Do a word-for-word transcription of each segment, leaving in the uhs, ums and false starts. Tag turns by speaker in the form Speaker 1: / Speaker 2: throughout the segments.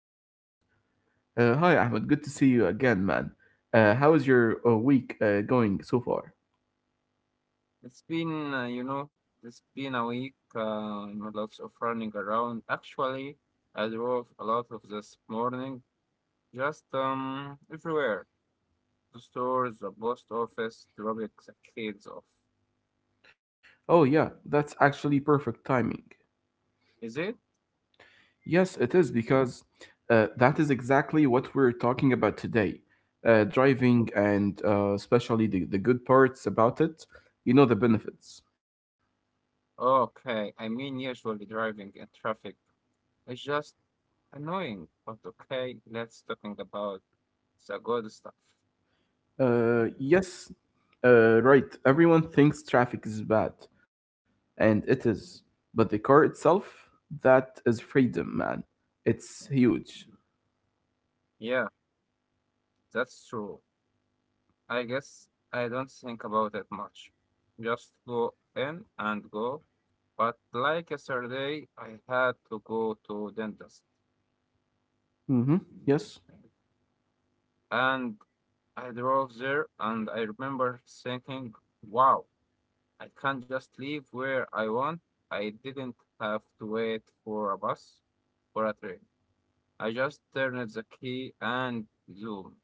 Speaker 1: guys.
Speaker 2: Uh, hi, Ahmed. Good to see you again, man. Uh, how is your uh, week uh, going so far?
Speaker 1: It's been, uh, you know, it's been a week. Um, lots of running around. Actually, I drove a lot of this morning. Just um, everywhere. The stores, the post office, dropping the kids off.
Speaker 2: Oh, yeah, that's actually perfect timing.
Speaker 1: Is it?
Speaker 2: Yes, it is because uh, that is exactly what we're talking about today. Uh, driving and uh, especially the, the good parts about it, you know, the benefits.
Speaker 1: Okay. I mean, usually driving in traffic is just annoying. But okay, let's talking about it's a good stuff.
Speaker 2: Uh, yes, uh, right. Everyone thinks traffic is bad, and it is. But the car itself, that is freedom, man. It's huge.
Speaker 1: Yeah, that's true. I guess I don't think about it much. Just go in and go. But like yesterday, I had to go to dentist,
Speaker 2: Mm-hmm. Yes.
Speaker 1: and I drove there, and I remember thinking, "Wow, I can just leave where I want. I didn't have to wait for a bus or a train. I just turned the key and zoom."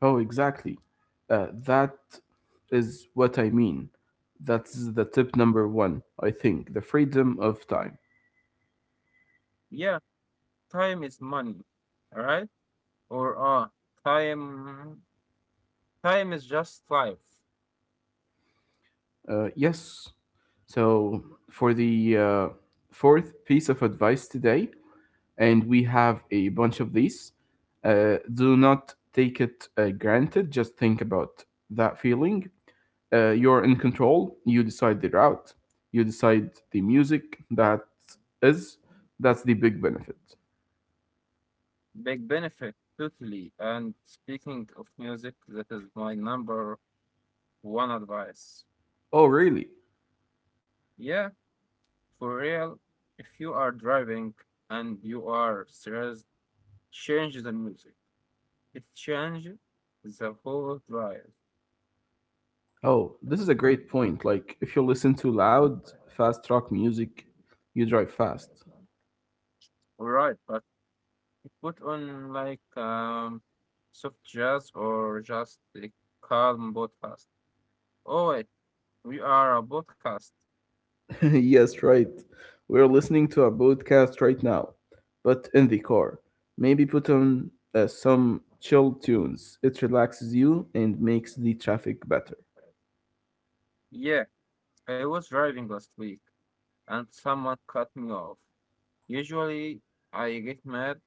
Speaker 2: Oh, exactly. Uh, that is what I mean. That's the tip number one, I think. The freedom of time.
Speaker 1: Yeah, time is money, right? Or ah, time time is just life.
Speaker 2: Uh, yes. So, for the uh, fourth piece of advice today, and we have a bunch of these, uh, do not take it uh, granted. Just think about that feeling. Uh, you're in control. You decide the route. You decide the music that is. That's the big benefit.
Speaker 1: Big benefit, totally. And speaking of music, that is my number one advice.
Speaker 2: Oh, really?
Speaker 1: Yeah, for real. If you are driving and you are stressed, change the music. It changes the whole drive.
Speaker 2: Oh, this is a great point. Like, if you listen to loud, fast rock music, you drive fast.
Speaker 1: All right, but put on like um soft jazz or just a calm podcast. Oh wait, we are a podcast.
Speaker 2: Yes, right. We're listening to a podcast right now, but in the car. Maybe put on uh, some chill tunes. It relaxes you and makes the traffic better.
Speaker 1: Yeah. I was driving last week and someone cut me off. Usually I get mad,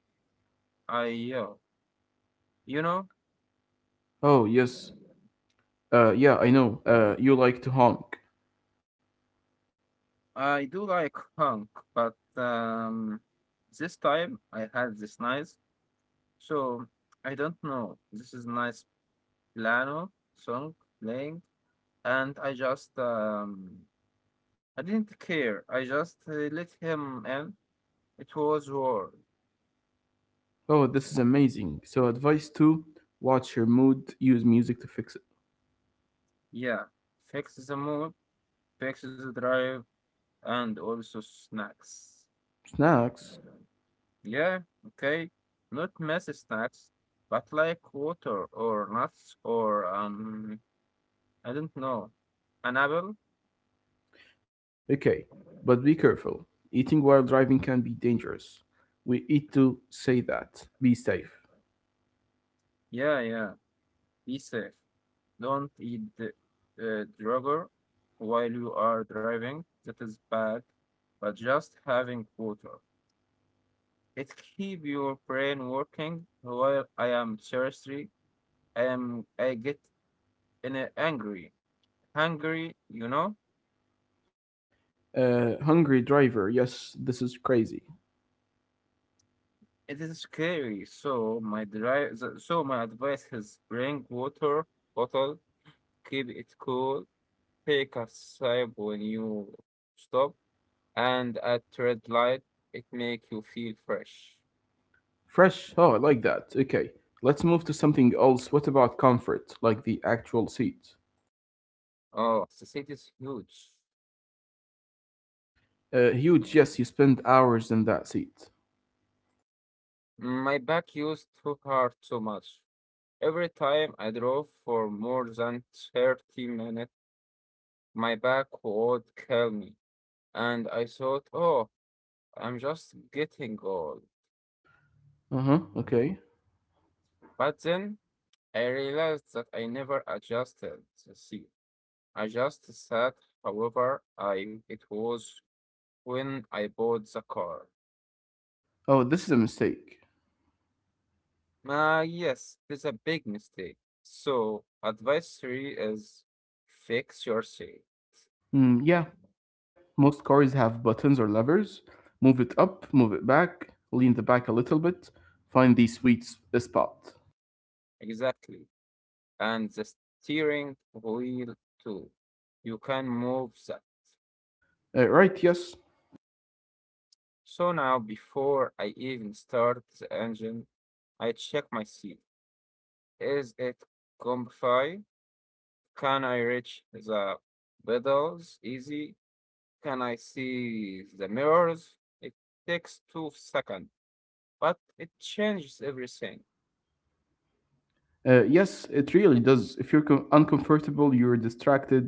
Speaker 1: I yell. You know,
Speaker 2: Oh, yes. Uh, yeah, I know. Uh, you like to honk.
Speaker 1: I do like honk, but um, this time I had this nice, so I don't know. This is nice piano song playing, and I just um, I didn't care. I just uh, let him in. It was war.
Speaker 2: Oh, this is amazing. So, advice two: watch your mood, use music to fix it.
Speaker 1: Yeah, fix the mood, fix the drive, and also snacks.
Speaker 2: Snacks?
Speaker 1: Yeah, okay. Not messy snacks, but like water or nuts or um I don't know. An apple?
Speaker 2: Okay, but be careful. Eating while driving can be dangerous. We need to say that. Be safe.
Speaker 1: Yeah, yeah. Be safe. Don't eat the uh, drugger while you are driving. That is bad. But just having water. It keep your brain working while I am seriously I am I get in a angry. Hungry, you know?
Speaker 2: Uh, hungry driver. Yes, this is crazy.
Speaker 1: It is scary. So my dri- the- so my advice is bring water bottle, keep it cool, take a sip when you stop, and at red light, it make you feel fresh.
Speaker 2: Fresh. Oh, I like that. Okay, let's move to something else. What about comfort, like the actual seat?
Speaker 1: Oh, the city is huge.
Speaker 2: Uh, huge. Yes, you spend hours in that seat.
Speaker 1: My back used to hurt so much. Every time I drove for more than thirty minutes, my back would kill me. And I thought, oh, I'm just getting old.
Speaker 2: Uh huh. Okay.
Speaker 1: But then I realized that I never adjusted the seat. I just sat, however, I it was when I bought the car.
Speaker 2: Oh, this is a mistake.
Speaker 1: Ah, yes, it is a big mistake. So, advice three is fix your seat.
Speaker 2: Hmm. Yeah, most cars have buttons or levers. Move it up, move it back, lean the back a little bit, find the sweet s- uh, spot.
Speaker 1: Exactly. And the steering wheel too. You can move that.
Speaker 2: Uh, right, yes.
Speaker 1: So now, before I even start the engine, I check my seat. Is it comfy? Can I reach the pedals easy? Can I see the mirrors? It takes two seconds, but it changes everything.
Speaker 2: Uh, yes, it really does. If you're com- uncomfortable, you're distracted.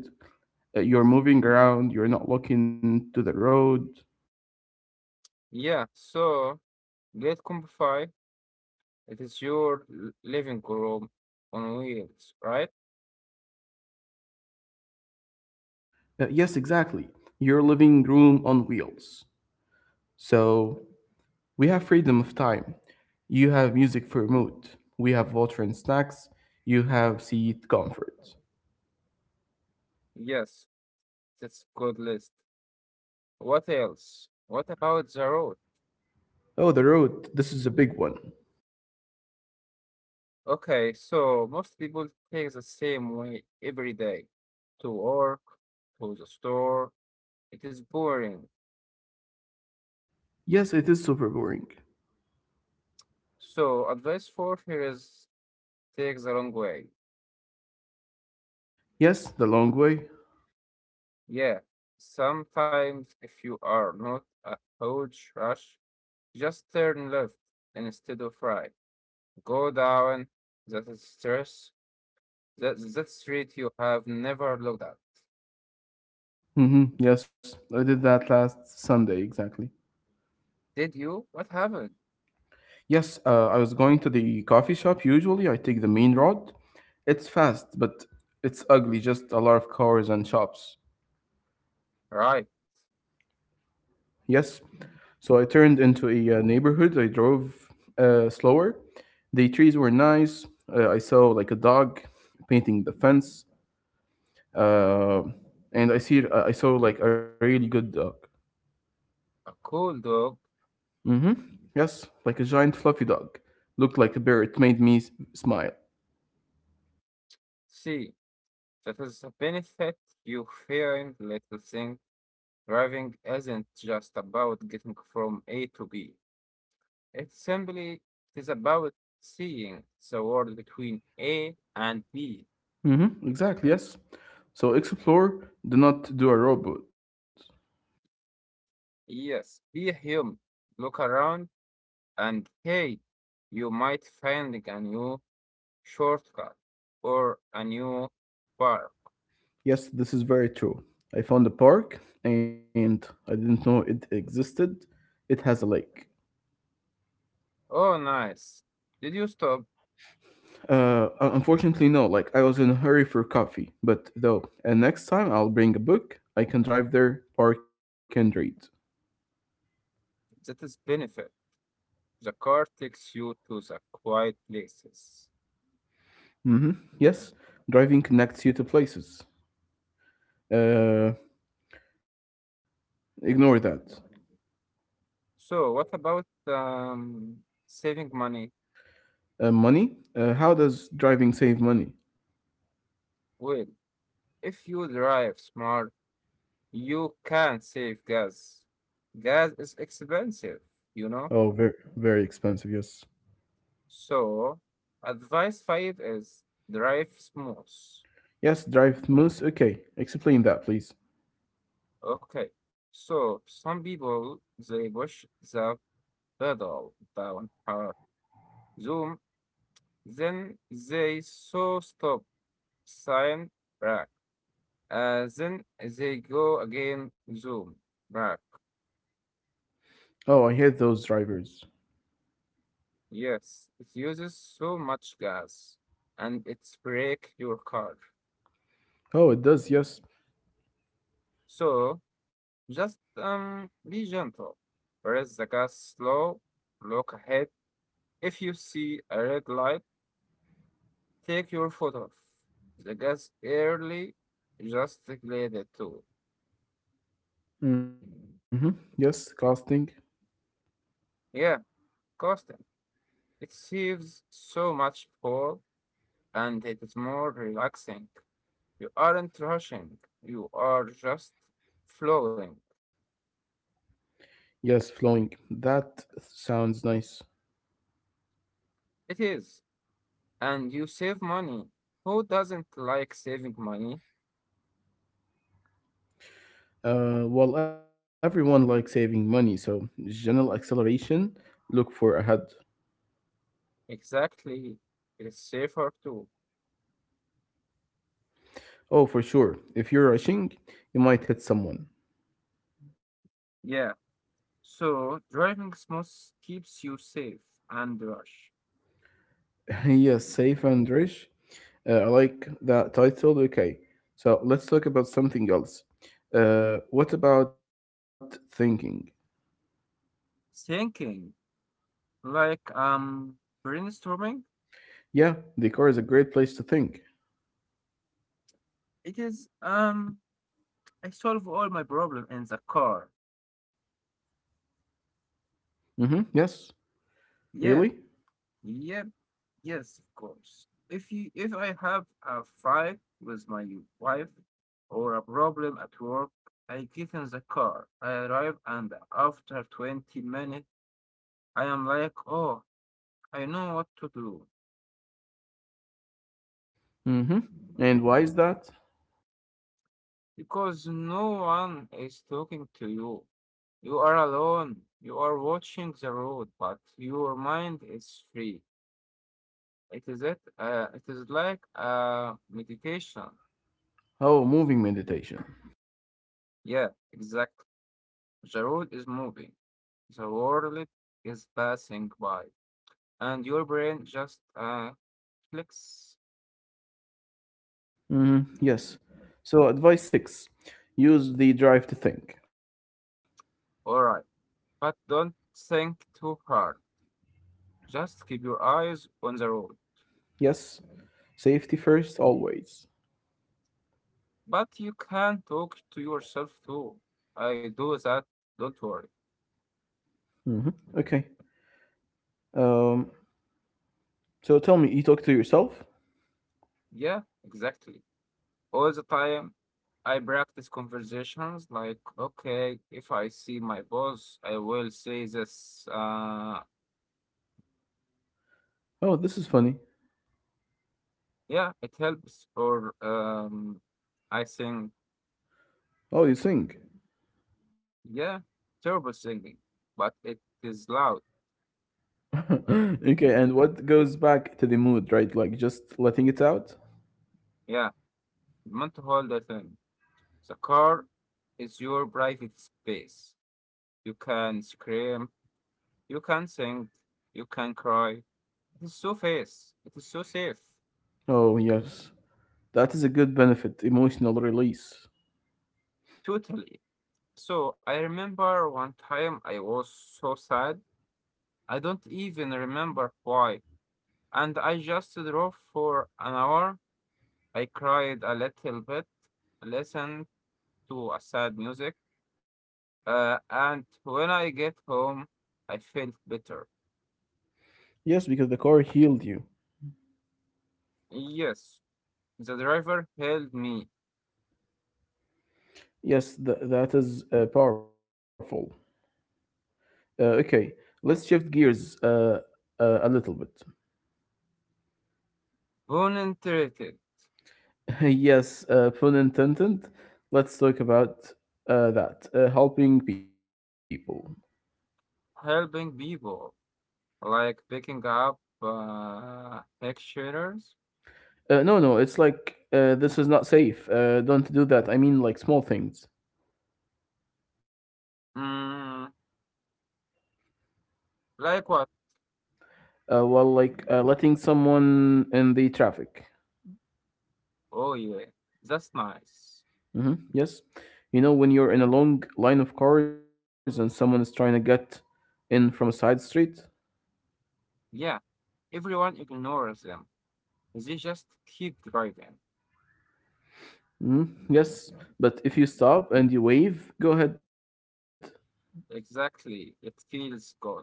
Speaker 2: Uh, you're moving around, you're not looking to the road.
Speaker 1: Yeah, so get Compify. It is your living room on wheels, right?
Speaker 2: Uh, yes, exactly. You're living room on wheels. So we have freedom of time. You have music for mood. We have water and snacks. You have seat comfort.
Speaker 1: Yes, that's good list. What else? What about the road?
Speaker 2: Oh, the road. This is a big one.
Speaker 1: Okay, so most people take the same way every day to work, to the store. It is boring.
Speaker 2: Yes, it is super boring.
Speaker 1: So, advice for here is take the long way.
Speaker 2: Yes, the long way.
Speaker 1: Yeah, sometimes if you are not a huge rush, just turn left instead of right. Go down that is stress that that street you have never looked at.
Speaker 2: Mm-hmm. Yes, I did that last Sunday exactly.
Speaker 1: Did you? What happened?
Speaker 2: Yes, uh, I was going to the coffee shop. Usually, I take the main road. It's fast, but it's ugly, just a lot of cars and shops.
Speaker 1: Right,
Speaker 2: Yes, so I turned into a uh, neighborhood. I drove uh, slower. The trees were nice. Uh, I saw like a dog painting the fence. Uh, and I see uh, I saw like a really good dog.
Speaker 1: a cool dog.
Speaker 2: Mm-hmm. Yes, like a giant fluffy dog. Looked like a bear. It made me s- smile.
Speaker 1: See, that is a benefit you find little thing. Driving isn't just about getting from A to B. It's simply it is about seeing the world between A and B.
Speaker 2: Mm-hmm. Exactly, yes. So explore, do not do a robot.
Speaker 1: Yes, be human. Look around and hey, you might find a new shortcut or a new bar.
Speaker 2: Yes, this is very true. I found a park and I didn't know it existed. It has a lake.
Speaker 1: Oh, nice. Did you stop?
Speaker 2: Uh, Unfortunately, no. Like I was in a hurry for coffee, but though, and next time I'll bring a book. I can drive there, park and read.
Speaker 1: That is benefit. The car takes you to the quiet places.
Speaker 2: Mm-hmm. Yes, driving connects you to places. Uh, Ignore that.
Speaker 1: So, what about um, saving money?
Speaker 2: Uh, money? Uh, how does driving save money?
Speaker 1: Well, if you drive smart, you can save gas. Gas is expensive, you
Speaker 2: Oh,
Speaker 1: know?
Speaker 2: very, very expensive. Yes.
Speaker 1: So, advice five is drive smooth.
Speaker 2: Yes, drive moose. Okay, explain that, please.
Speaker 1: Okay. So, some people they push the pedal down hard, zoom, then they so stop sign back. Uh, then they go again zoom back.
Speaker 2: Oh, I hate those drivers.
Speaker 1: Yes, it uses so much gas and it's break your car.
Speaker 2: Oh, it does. Yes.
Speaker 1: So just um, be gentle. Press the gas slow. Look ahead. If you see a red light, take your foot off the gas early. Just glide it too.
Speaker 2: Mm-hmm. Yes, casting.
Speaker 1: Yeah, costing. It saves so much fuel, and it is more relaxing. You aren't rushing. You are just flowing.
Speaker 2: Yes, flowing. That sounds nice.
Speaker 1: It is, and you save money. Who doesn't like saving money?
Speaker 2: Uh, well, everyone likes saving money, so general acceleration. Look for ahead.
Speaker 1: Exactly. It is safer too.
Speaker 2: Oh, for sure. If you're rushing, you might hit someone.
Speaker 1: Yeah. So driving smooth keeps you safe and rush.
Speaker 2: Yes, safe and rich. Uh, I like that title. Okay, so let's talk about something else. Uh, what about thinking?
Speaker 1: Thinking like um brainstorming.
Speaker 2: Yeah, the car is a great place to think.
Speaker 1: It is um I solve all my problem in the car.
Speaker 2: Mm-hmm. Yes. Really?
Speaker 1: Yeah. Yep. Yes, of course. If you if I have a fight with my wife or a problem at work, I get in the car. I arrive and after twenty minutes I am like, oh, I know what to do
Speaker 2: hmm And why is that?
Speaker 1: because no one is talking to you. You are alone. You are watching the road, but your mind is free. It is it. Uh, it is like a meditation.
Speaker 2: Oh, moving meditation.
Speaker 1: Yeah, exactly. The road is moving. The world is passing by, and your brain just uh, clicks.
Speaker 2: Hmm. Yes. So, advice six: use the drive to think.
Speaker 1: All right, but don't think too hard. Just keep your eyes on the road.
Speaker 2: Yes. Safety first, always.
Speaker 1: But you can talk to yourself too. I do that, don't worry.
Speaker 2: Hmm. Okay. Um, so, tell me, you talk to yourself?
Speaker 1: Yeah, exactly. All the time, I practice conversations like, okay, if I see my boss, I will say this. Uh,
Speaker 2: Oh, this is funny.
Speaker 1: yeah, it helps. Or um, I think,
Speaker 2: Oh, you sing.
Speaker 1: yeah, terrible singing, but it is loud.
Speaker 2: Okay, and what goes back to the mood, right? Like just letting it out?
Speaker 1: Yeah, mental hold the thing. The car is your private space. You can scream, you can sing, you can cry. It is so fast, it is so safe,
Speaker 2: Oh, yes. That is a good benefit, emotional release.
Speaker 1: totally. So I remember one time I was so sad, I don't even remember why. And I just drove for an hour. I cried a little bit, listened to a sad music, uh, and when I get home, I felt better.
Speaker 2: Yes, because the car healed you.
Speaker 1: Yes, the driver helped me,
Speaker 2: Yes, th- that is uh, powerful. Uh, okay, let's shift gears uh, uh, a little bit.
Speaker 1: volunteered,
Speaker 2: Yes, uh, pun intended. Let's talk about uh, that. Uh, helping people.
Speaker 1: helping people. Like picking up uh, extras?
Speaker 2: Uh, no, no, it's like uh, this is not safe. Uh, don't do that. I mean, like small things.
Speaker 1: Mm, like what?
Speaker 2: Uh, well, like uh, letting someone in the traffic.
Speaker 1: Oh, yeah, that's nice.
Speaker 2: Hmm. Yes, you know when you're in a long line of cars and someone is trying to get in from a side street.
Speaker 1: Yeah, everyone ignores them. They just keep driving.
Speaker 2: Hmm. Yes, but if you stop and you wave, go ahead.
Speaker 1: Exactly, it feels good.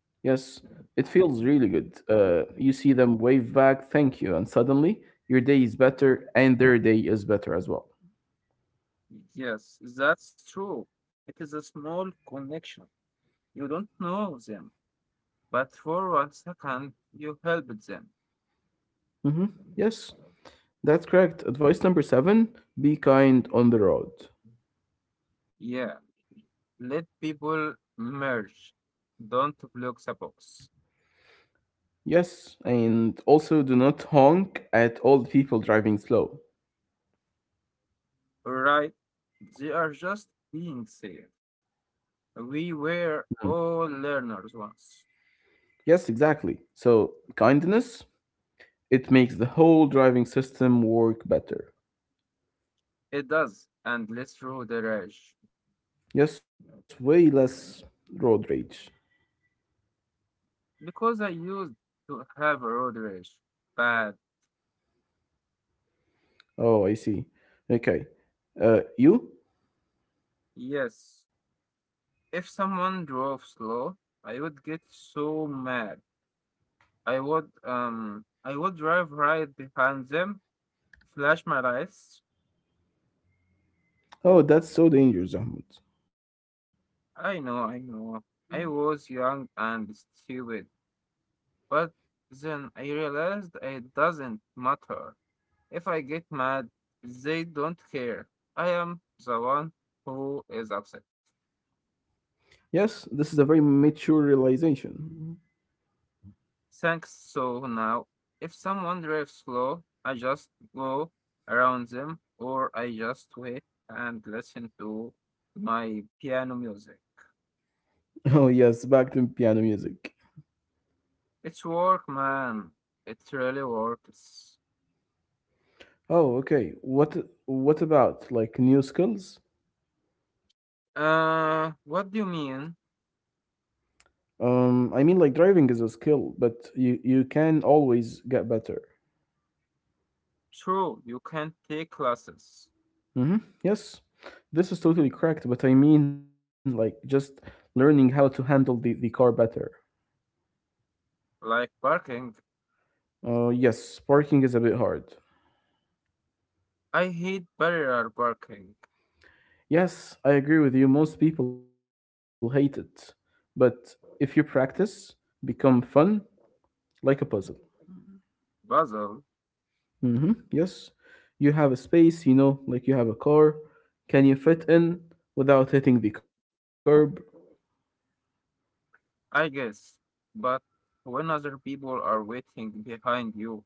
Speaker 2: Yes, it feels really good. Uh, you see them wave back, thank you, and suddenly your day is better and their day is better as well.
Speaker 1: Yes, that's true. It is a small connection. You don't know them, but for one second, you helped them.
Speaker 2: Hmm. Yes, that's correct. Advice number seven: be kind on the road.
Speaker 1: Yeah. Let people merge. Don't block the box.
Speaker 2: Yes, and also do not honk at all the people driving slow.
Speaker 1: Right? They are just being safe. We
Speaker 2: Mm.
Speaker 1: were all learners once.
Speaker 2: Yes, exactly. So, kindness, it makes the whole driving system work better.
Speaker 1: It does, and let's road rage.
Speaker 2: Yes, way less road rage.
Speaker 1: Because I used to have a road rage. But
Speaker 2: Oh, I see. Okay. Uh, you?
Speaker 1: yes, if someone drove slow, I would get so mad. I would um I would drive right behind them, flash my lights.
Speaker 2: Oh, that's so dangerous, Ahmed.
Speaker 1: I know, I know. I was young and stupid, but then I realized it doesn't matter. If I get mad, they don't care. I am the one who is upset.
Speaker 2: Yes, this is a very mature realization.
Speaker 1: Thanks. So now, if someone drives slow, I just go around them or I just wait and listen to my piano music.
Speaker 2: Oh yes, back to piano music.
Speaker 1: It's work, man. It really works.
Speaker 2: Oh, okay. What what about like new skills?
Speaker 1: Uh, what do you mean?
Speaker 2: Um, I mean like driving is a skill, but you you can always get better.
Speaker 1: True, you can take classes
Speaker 2: Mm-hmm. Yes, this is totally correct, but I mean like just learning how to handle the, the car better.
Speaker 1: like barking.
Speaker 2: Uh, yes, parking is a bit hard.
Speaker 1: I hate barrier barking,
Speaker 2: Yes, I agree with you. Most people hate it. But if you practice, become fun like a puzzle.
Speaker 1: puzzle,
Speaker 2: Hmm. Yes. You have a space, you know, like you have a car. Can you fit in without hitting the curb?
Speaker 1: I guess. But when other people are waiting behind you,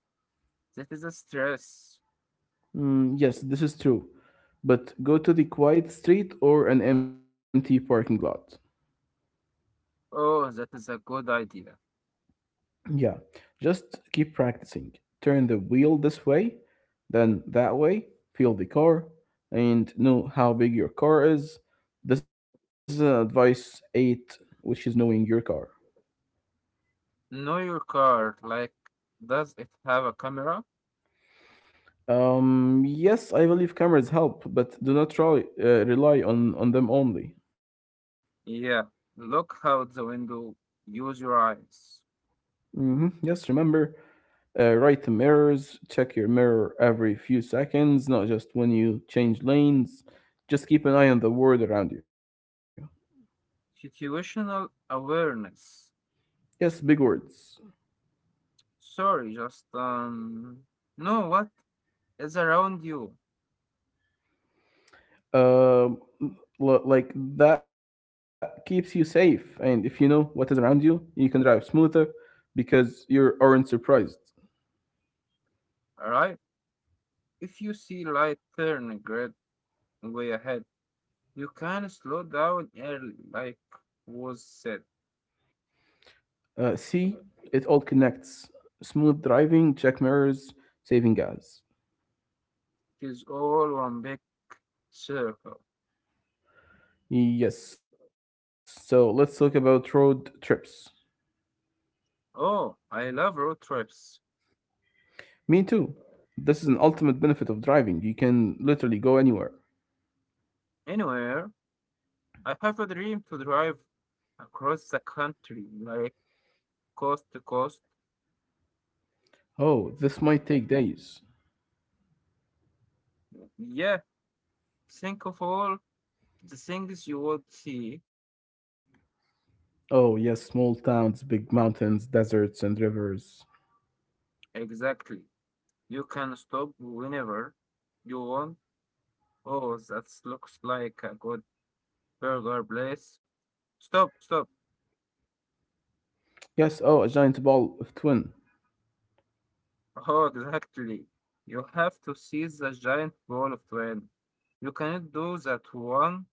Speaker 1: that is a stress.
Speaker 2: Mm, yes, this is true. But go to the quiet street or an empty parking lot.
Speaker 1: Oh, that is a good idea.
Speaker 2: Yeah, just keep practicing. Turn the wheel this way, then that way, feel the car, and know how big your car is. This is an advice eight, which is knowing your car.
Speaker 1: Know your car. Like, does it have a camera?
Speaker 2: Um, yes, I believe cameras help, but do not try, uh, rely on, on them only.
Speaker 1: Yeah. Look out the window. Use your eyes.
Speaker 2: Hmm. Yes, remember, uh, right the mirrors, check your mirror every few seconds, not just when you change lanes. Just keep an eye on the world around you.
Speaker 1: Situational awareness.
Speaker 2: Yes, big words.
Speaker 1: Sorry, just um, know what is around you.
Speaker 2: Um, l- like that keeps you safe, and if you know what is around you, you can drive smoother because you aren't surprised.
Speaker 1: All right. If you see light turn red way ahead, you can slow down early, like was said.
Speaker 2: Uh, C, it all connects. Smooth driving, check mirrors, saving gas.
Speaker 1: It is all one big circle.
Speaker 2: Yes, so let's talk about road trips.
Speaker 1: Oh, I love road trips.
Speaker 2: Me too. This is an ultimate benefit of driving. You can literally go anywhere.
Speaker 1: Anywhere, I have a dream to drive across the country, like coast to coast.
Speaker 2: Oh, this might take days.
Speaker 1: Yeah, think of all the things you would see.
Speaker 2: Oh, yes, small towns, big mountains, deserts, and rivers.
Speaker 1: Exactly. You can stop whenever you want. Oh, that looks like a good burger place. Stop, stop.
Speaker 2: Yes, oh, a giant ball of twin.
Speaker 1: Oh, exactly. You have to seize the giant ball of twine. You cannot do that one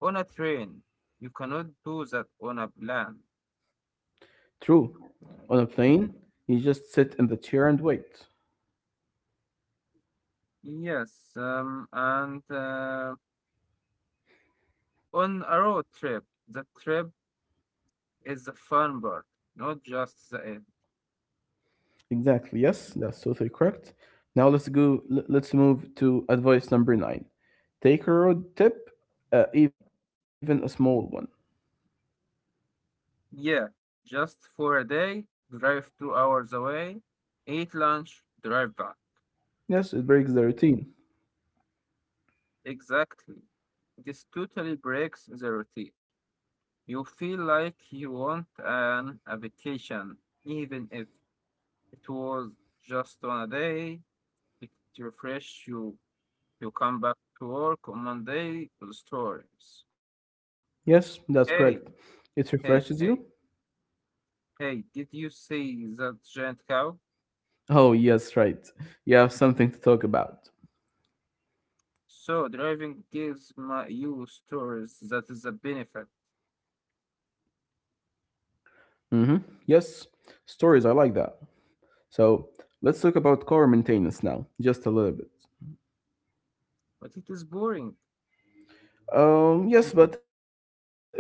Speaker 1: on a train. You cannot do that on a plane.
Speaker 2: True. On a plane, you just sit in the chair and wait.
Speaker 1: Yes, um, and uh, on a road trip, the trip is the fun part, not just the end.
Speaker 2: Exactly. Yes, that's totally correct. Now let's go. l- Let's move to advice number nine. Take a road trip, uh, even a small one.
Speaker 1: Yeah, just for a day, drive two hours away, eat lunch, drive back.
Speaker 2: Yes, it breaks the routine.
Speaker 1: Exactly. This totally breaks the routine. You feel like you want an a vacation, even if it was just on a day. It refresh you. You come back to work on Monday with stories.
Speaker 2: Yes, that's
Speaker 1: Hey,
Speaker 2: correct. It
Speaker 1: hey,
Speaker 2: refreshes
Speaker 1: hey,
Speaker 2: you.
Speaker 1: hey! Did you see that giant cow?
Speaker 2: Oh, yes, right. You have something to talk about.
Speaker 1: So driving gives my you stories. That is a benefit,
Speaker 2: Mm-hmm. Yes, stories. I like that. So let's talk about car maintenance now, just a little bit.
Speaker 1: but it is boring.
Speaker 2: Um, yes, but it's it's important.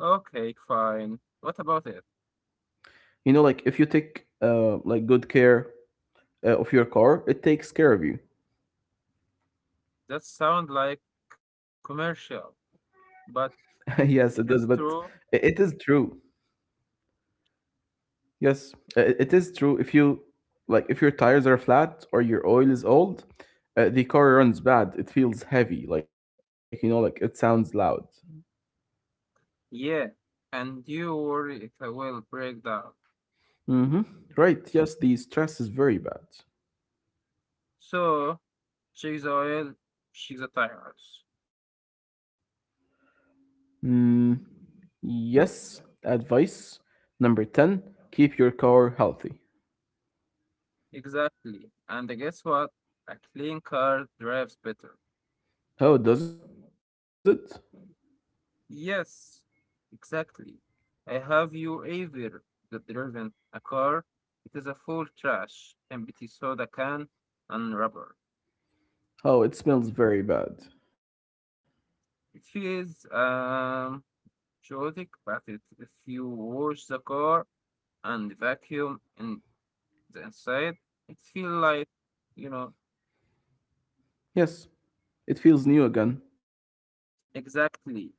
Speaker 1: Okay, fine. What about it?
Speaker 2: You know, like if you take uh like good care uh, of your car, it takes care of you.
Speaker 1: That sound like commercial, but
Speaker 2: Yes,
Speaker 1: it
Speaker 2: it
Speaker 1: is
Speaker 2: does, but
Speaker 1: true.
Speaker 2: i- it is true. Yes, uh, it it is true. If you like, if your tires are flat or your oil is old, uh, the car runs bad. It feels heavy. Like you know, like it sounds loud.
Speaker 1: Yeah, and you worry it will break down.
Speaker 2: Mm-hmm. Right. Yes, the stress is very bad.
Speaker 1: So check the oil, check the tires.
Speaker 2: Mm, yes. Advice number ten: keep your car healthy.
Speaker 1: Exactly. And guess what? A clean car drives better.
Speaker 2: How does it?
Speaker 1: Yes, exactly. I Have you ever driven a car? It is a full trash, empty soda can, and rubber.
Speaker 2: Oh, it smells very bad.
Speaker 1: It feels um chaotic, but it, if you wash the car and vacuum in the inside, it feel like, you know,
Speaker 2: Yes, it feels new again.
Speaker 1: exactly.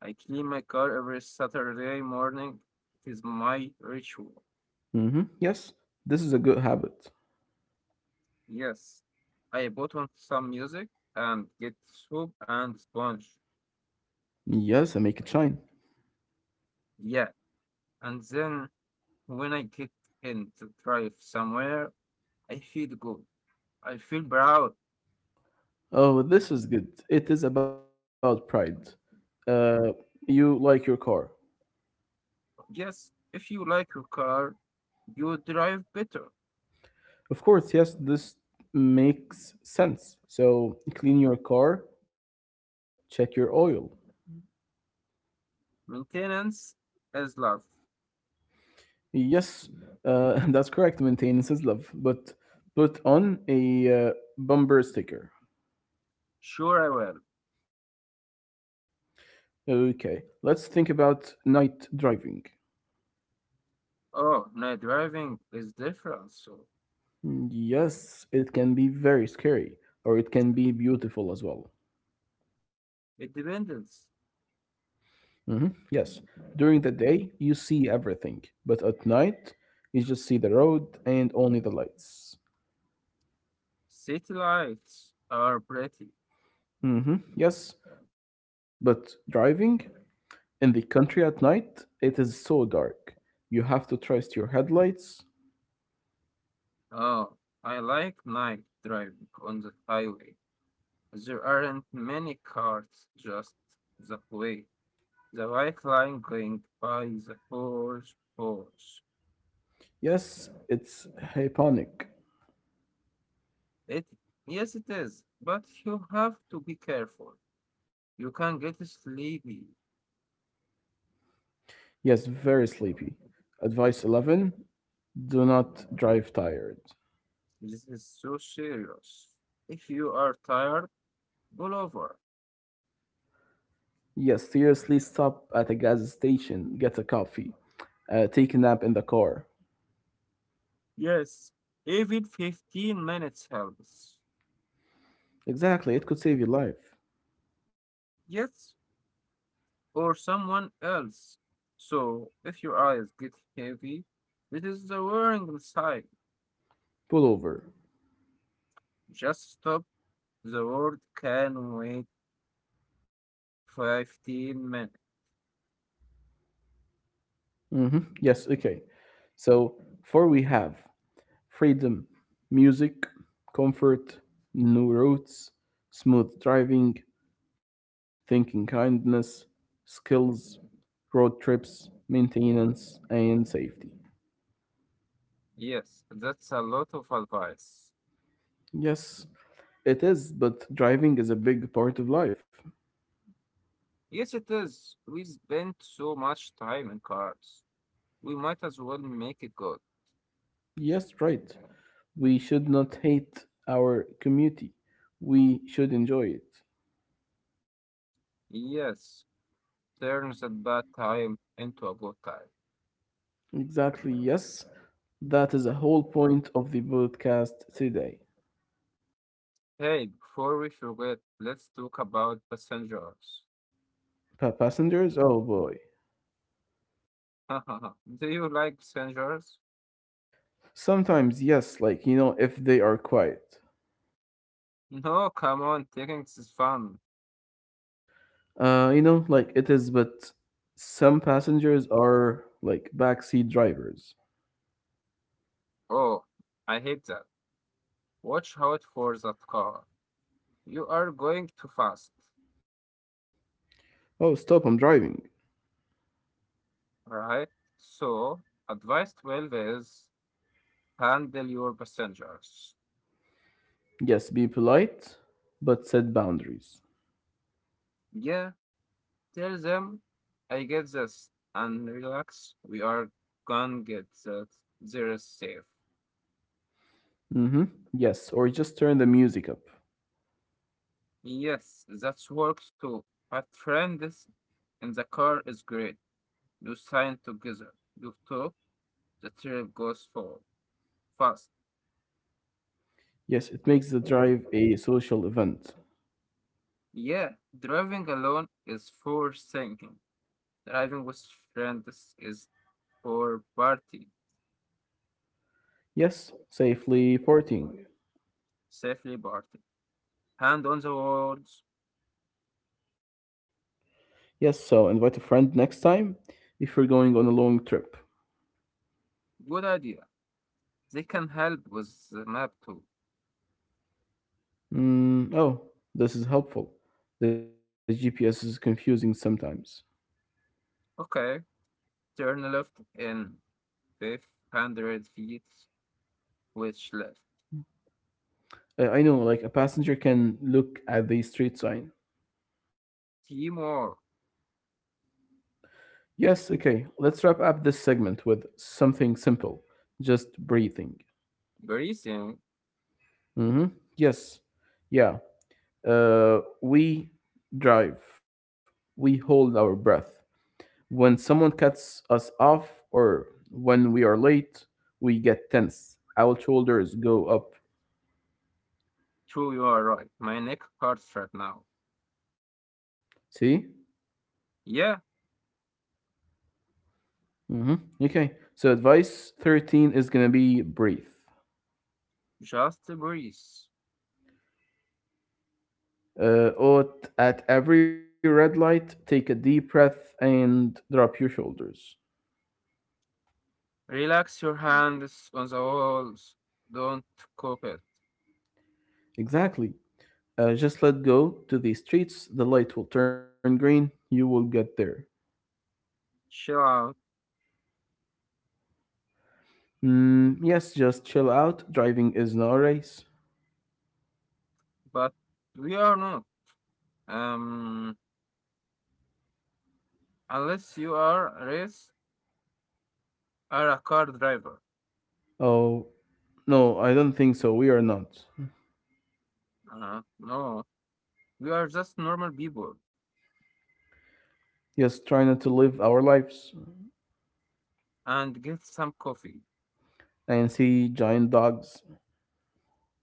Speaker 1: I clean my car every Saturday morning. It is my ritual.
Speaker 2: Mm-hmm. Yes, this is a good habit.
Speaker 1: Yes. I put on some music and get soap and sponge.
Speaker 2: Yes, and make it shine.
Speaker 1: Yeah. And then when I get in to drive somewhere, I feel good. I feel proud.
Speaker 2: Oh, this is good. It is about pride. Uh, you like your car.
Speaker 1: Yes. If you like your car, you will drive better.
Speaker 2: Of course, yes, this makes sense. So clean your car, check your oil.
Speaker 1: Maintenance is love.
Speaker 2: Yes, uh, that's correct. Maintenance is love. But put on a uh, bumper sticker.
Speaker 1: Sure, I will.
Speaker 2: Okay, let's think about night driving.
Speaker 1: Oh, night driving is different, so
Speaker 2: Yes, it can be very scary, or it can be beautiful as well.
Speaker 1: it depends.
Speaker 2: Hmm. Yes, during the day you see everything, but at night you just see the road and only the lights.
Speaker 1: City lights are pretty.
Speaker 2: Hmm. Yes, but driving in the country at night, it is so dark. You have to trust your headlights.
Speaker 1: Oh, I like night driving on the highway. There aren't many cars just that way. The white line going by the horse, horse.
Speaker 2: Yes, it's hyponic.
Speaker 1: It, yes, it is, but you have to be careful. You can get sleepy.
Speaker 2: Yes, very sleepy. Advice eleven: do not drive tired.
Speaker 1: This is so serious. If you are tired, pull over.
Speaker 2: Yes, seriously, stop at a gas station, get a coffee, uh, take a nap in the car.
Speaker 1: Yes, even fifteen minutes helps.
Speaker 2: Exactly, it could save your life.
Speaker 1: Yes, or someone else. So, if your eyes get heavy, it is the warning sign.
Speaker 2: Pull over.
Speaker 1: Just stop. The world can wait fifteen minutes.
Speaker 2: Mm-hmm. Yes, okay. So, four we have freedom, music, comfort, new roads, smooth driving, thinking kindness, skills, road trips, maintenance, and safety.
Speaker 1: Yes, that's a lot of advice.
Speaker 2: Yes, it is, but driving is a big part of life.
Speaker 1: Yes, it is. We spend so much time in cars. We might as well make it good.
Speaker 2: Yes, right. We should not hate our community. We should enjoy it.
Speaker 1: Yes, turns a bad time into a good time.
Speaker 2: Exactly, yes. That is the whole point of the podcast today.
Speaker 1: Hey, before we forget, let's talk about passengers.
Speaker 2: Pa- passengers? Oh boy.
Speaker 1: Do you like passengers?
Speaker 2: Sometimes, yes, like, you know, if they are quiet.
Speaker 1: No, come on, taking is fun.
Speaker 2: Uh, you know, like it is, but some passengers are like backseat drivers.
Speaker 1: Oh, I hate that. Watch out for that car. You are going too fast.
Speaker 2: Oh, stop, I'm driving.
Speaker 1: Alright? So, advice twelve is handle your passengers.
Speaker 2: Yes, be polite, but set boundaries.
Speaker 1: Yeah, tell them I get this and relax. We are gonna get that. They're safe.
Speaker 2: Mm hmm. Yes, or just turn the music up.
Speaker 1: Yes, that works too. But friends in the car is great. You sign together. You talk. The trip goes forward fast.
Speaker 2: Yes, it makes the drive a social event.
Speaker 1: Yeah, driving alone is for thinking. Driving with friends is for party,
Speaker 2: Yes, safely partying.
Speaker 1: safely party. Hand on the words.
Speaker 2: Yes, so invite a friend next time if you're going on a long trip.
Speaker 1: Good idea. They can help with the map too.
Speaker 2: Mm, oh, this is helpful. The G P S is confusing sometimes.
Speaker 1: Okay, turn left in five hundred feet, which left.
Speaker 2: I, I know, like a passenger can look at the street sign.
Speaker 1: Teamwork.
Speaker 2: Yes, okay, let's wrap up this segment with something simple just breathing.
Speaker 1: Breathing.
Speaker 2: Mm-hmm. Yes, yeah. Uh, we drive, we hold our breath when someone cuts us off or when we are late, we get tense. Our shoulders go up.
Speaker 1: True, you are right. My neck hurts right now.
Speaker 2: See?
Speaker 1: Yeah,
Speaker 2: Hmm. Okay. So advice thirteen is going to be breathe.
Speaker 1: just breathe.
Speaker 2: Uh, at at every red light, take a deep breath and drop your shoulders.
Speaker 1: Relax your hands on the walls. Don't cope it.
Speaker 2: Exactly. Uh, just let go to the streets. The light will turn green. You will get there.
Speaker 1: Chill out.
Speaker 2: Mm, yes, just chill out. Driving is not a race.
Speaker 1: But we are not. Um, Unless you are race or a car driver.
Speaker 2: Oh, no, I don't think so. We are not.
Speaker 1: Uh, no, we are just normal people.
Speaker 2: Yes, try not to live our lives
Speaker 1: And get some coffee.
Speaker 2: and see giant dogs.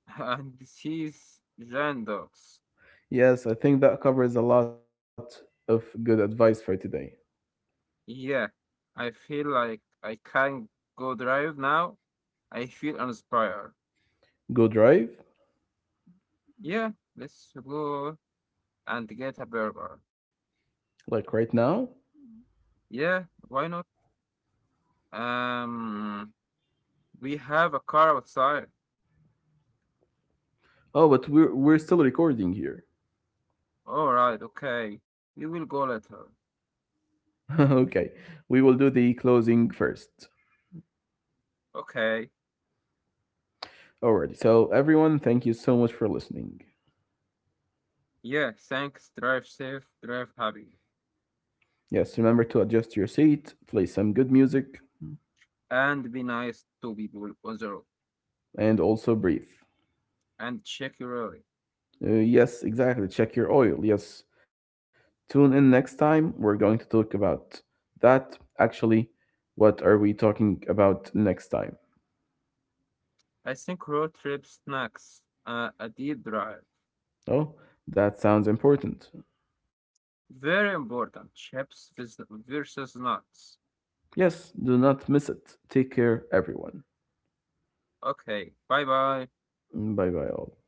Speaker 1: and these giant dogs.
Speaker 2: Yes, I think that covers a lot of good advice for today.
Speaker 1: Yeah, I feel like I can't go drive now. I feel uninspired.
Speaker 2: Go drive,
Speaker 1: Yeah, let's go and get a burger.
Speaker 2: like right now.
Speaker 1: Yeah, why not? Um, we have a car outside.
Speaker 2: Oh, but we're we're still recording here.
Speaker 1: All right, okay. We will go later.
Speaker 2: Okay, we will do the closing first.
Speaker 1: Okay.
Speaker 2: Alrighty. So everyone, thank you so much for listening.
Speaker 1: Yeah, thanks. Drive safe, drive happy,
Speaker 2: Yes, remember to adjust your seat, play some good music,
Speaker 1: and be nice to people on the road.
Speaker 2: and also breathe.
Speaker 1: And check your road.
Speaker 2: Uh, yes, exactly. Check your oil. Yes, tune in next time. We're going to talk about that. Actually, what are we talking about next time?
Speaker 1: I think road trip snacks, uh, a deep drive.
Speaker 2: Oh, that sounds important.
Speaker 1: Very important. Chips vis- versus nuts.
Speaker 2: Yes, do not miss it. Take care, everyone.
Speaker 1: Okay, bye bye.
Speaker 2: Bye bye, all.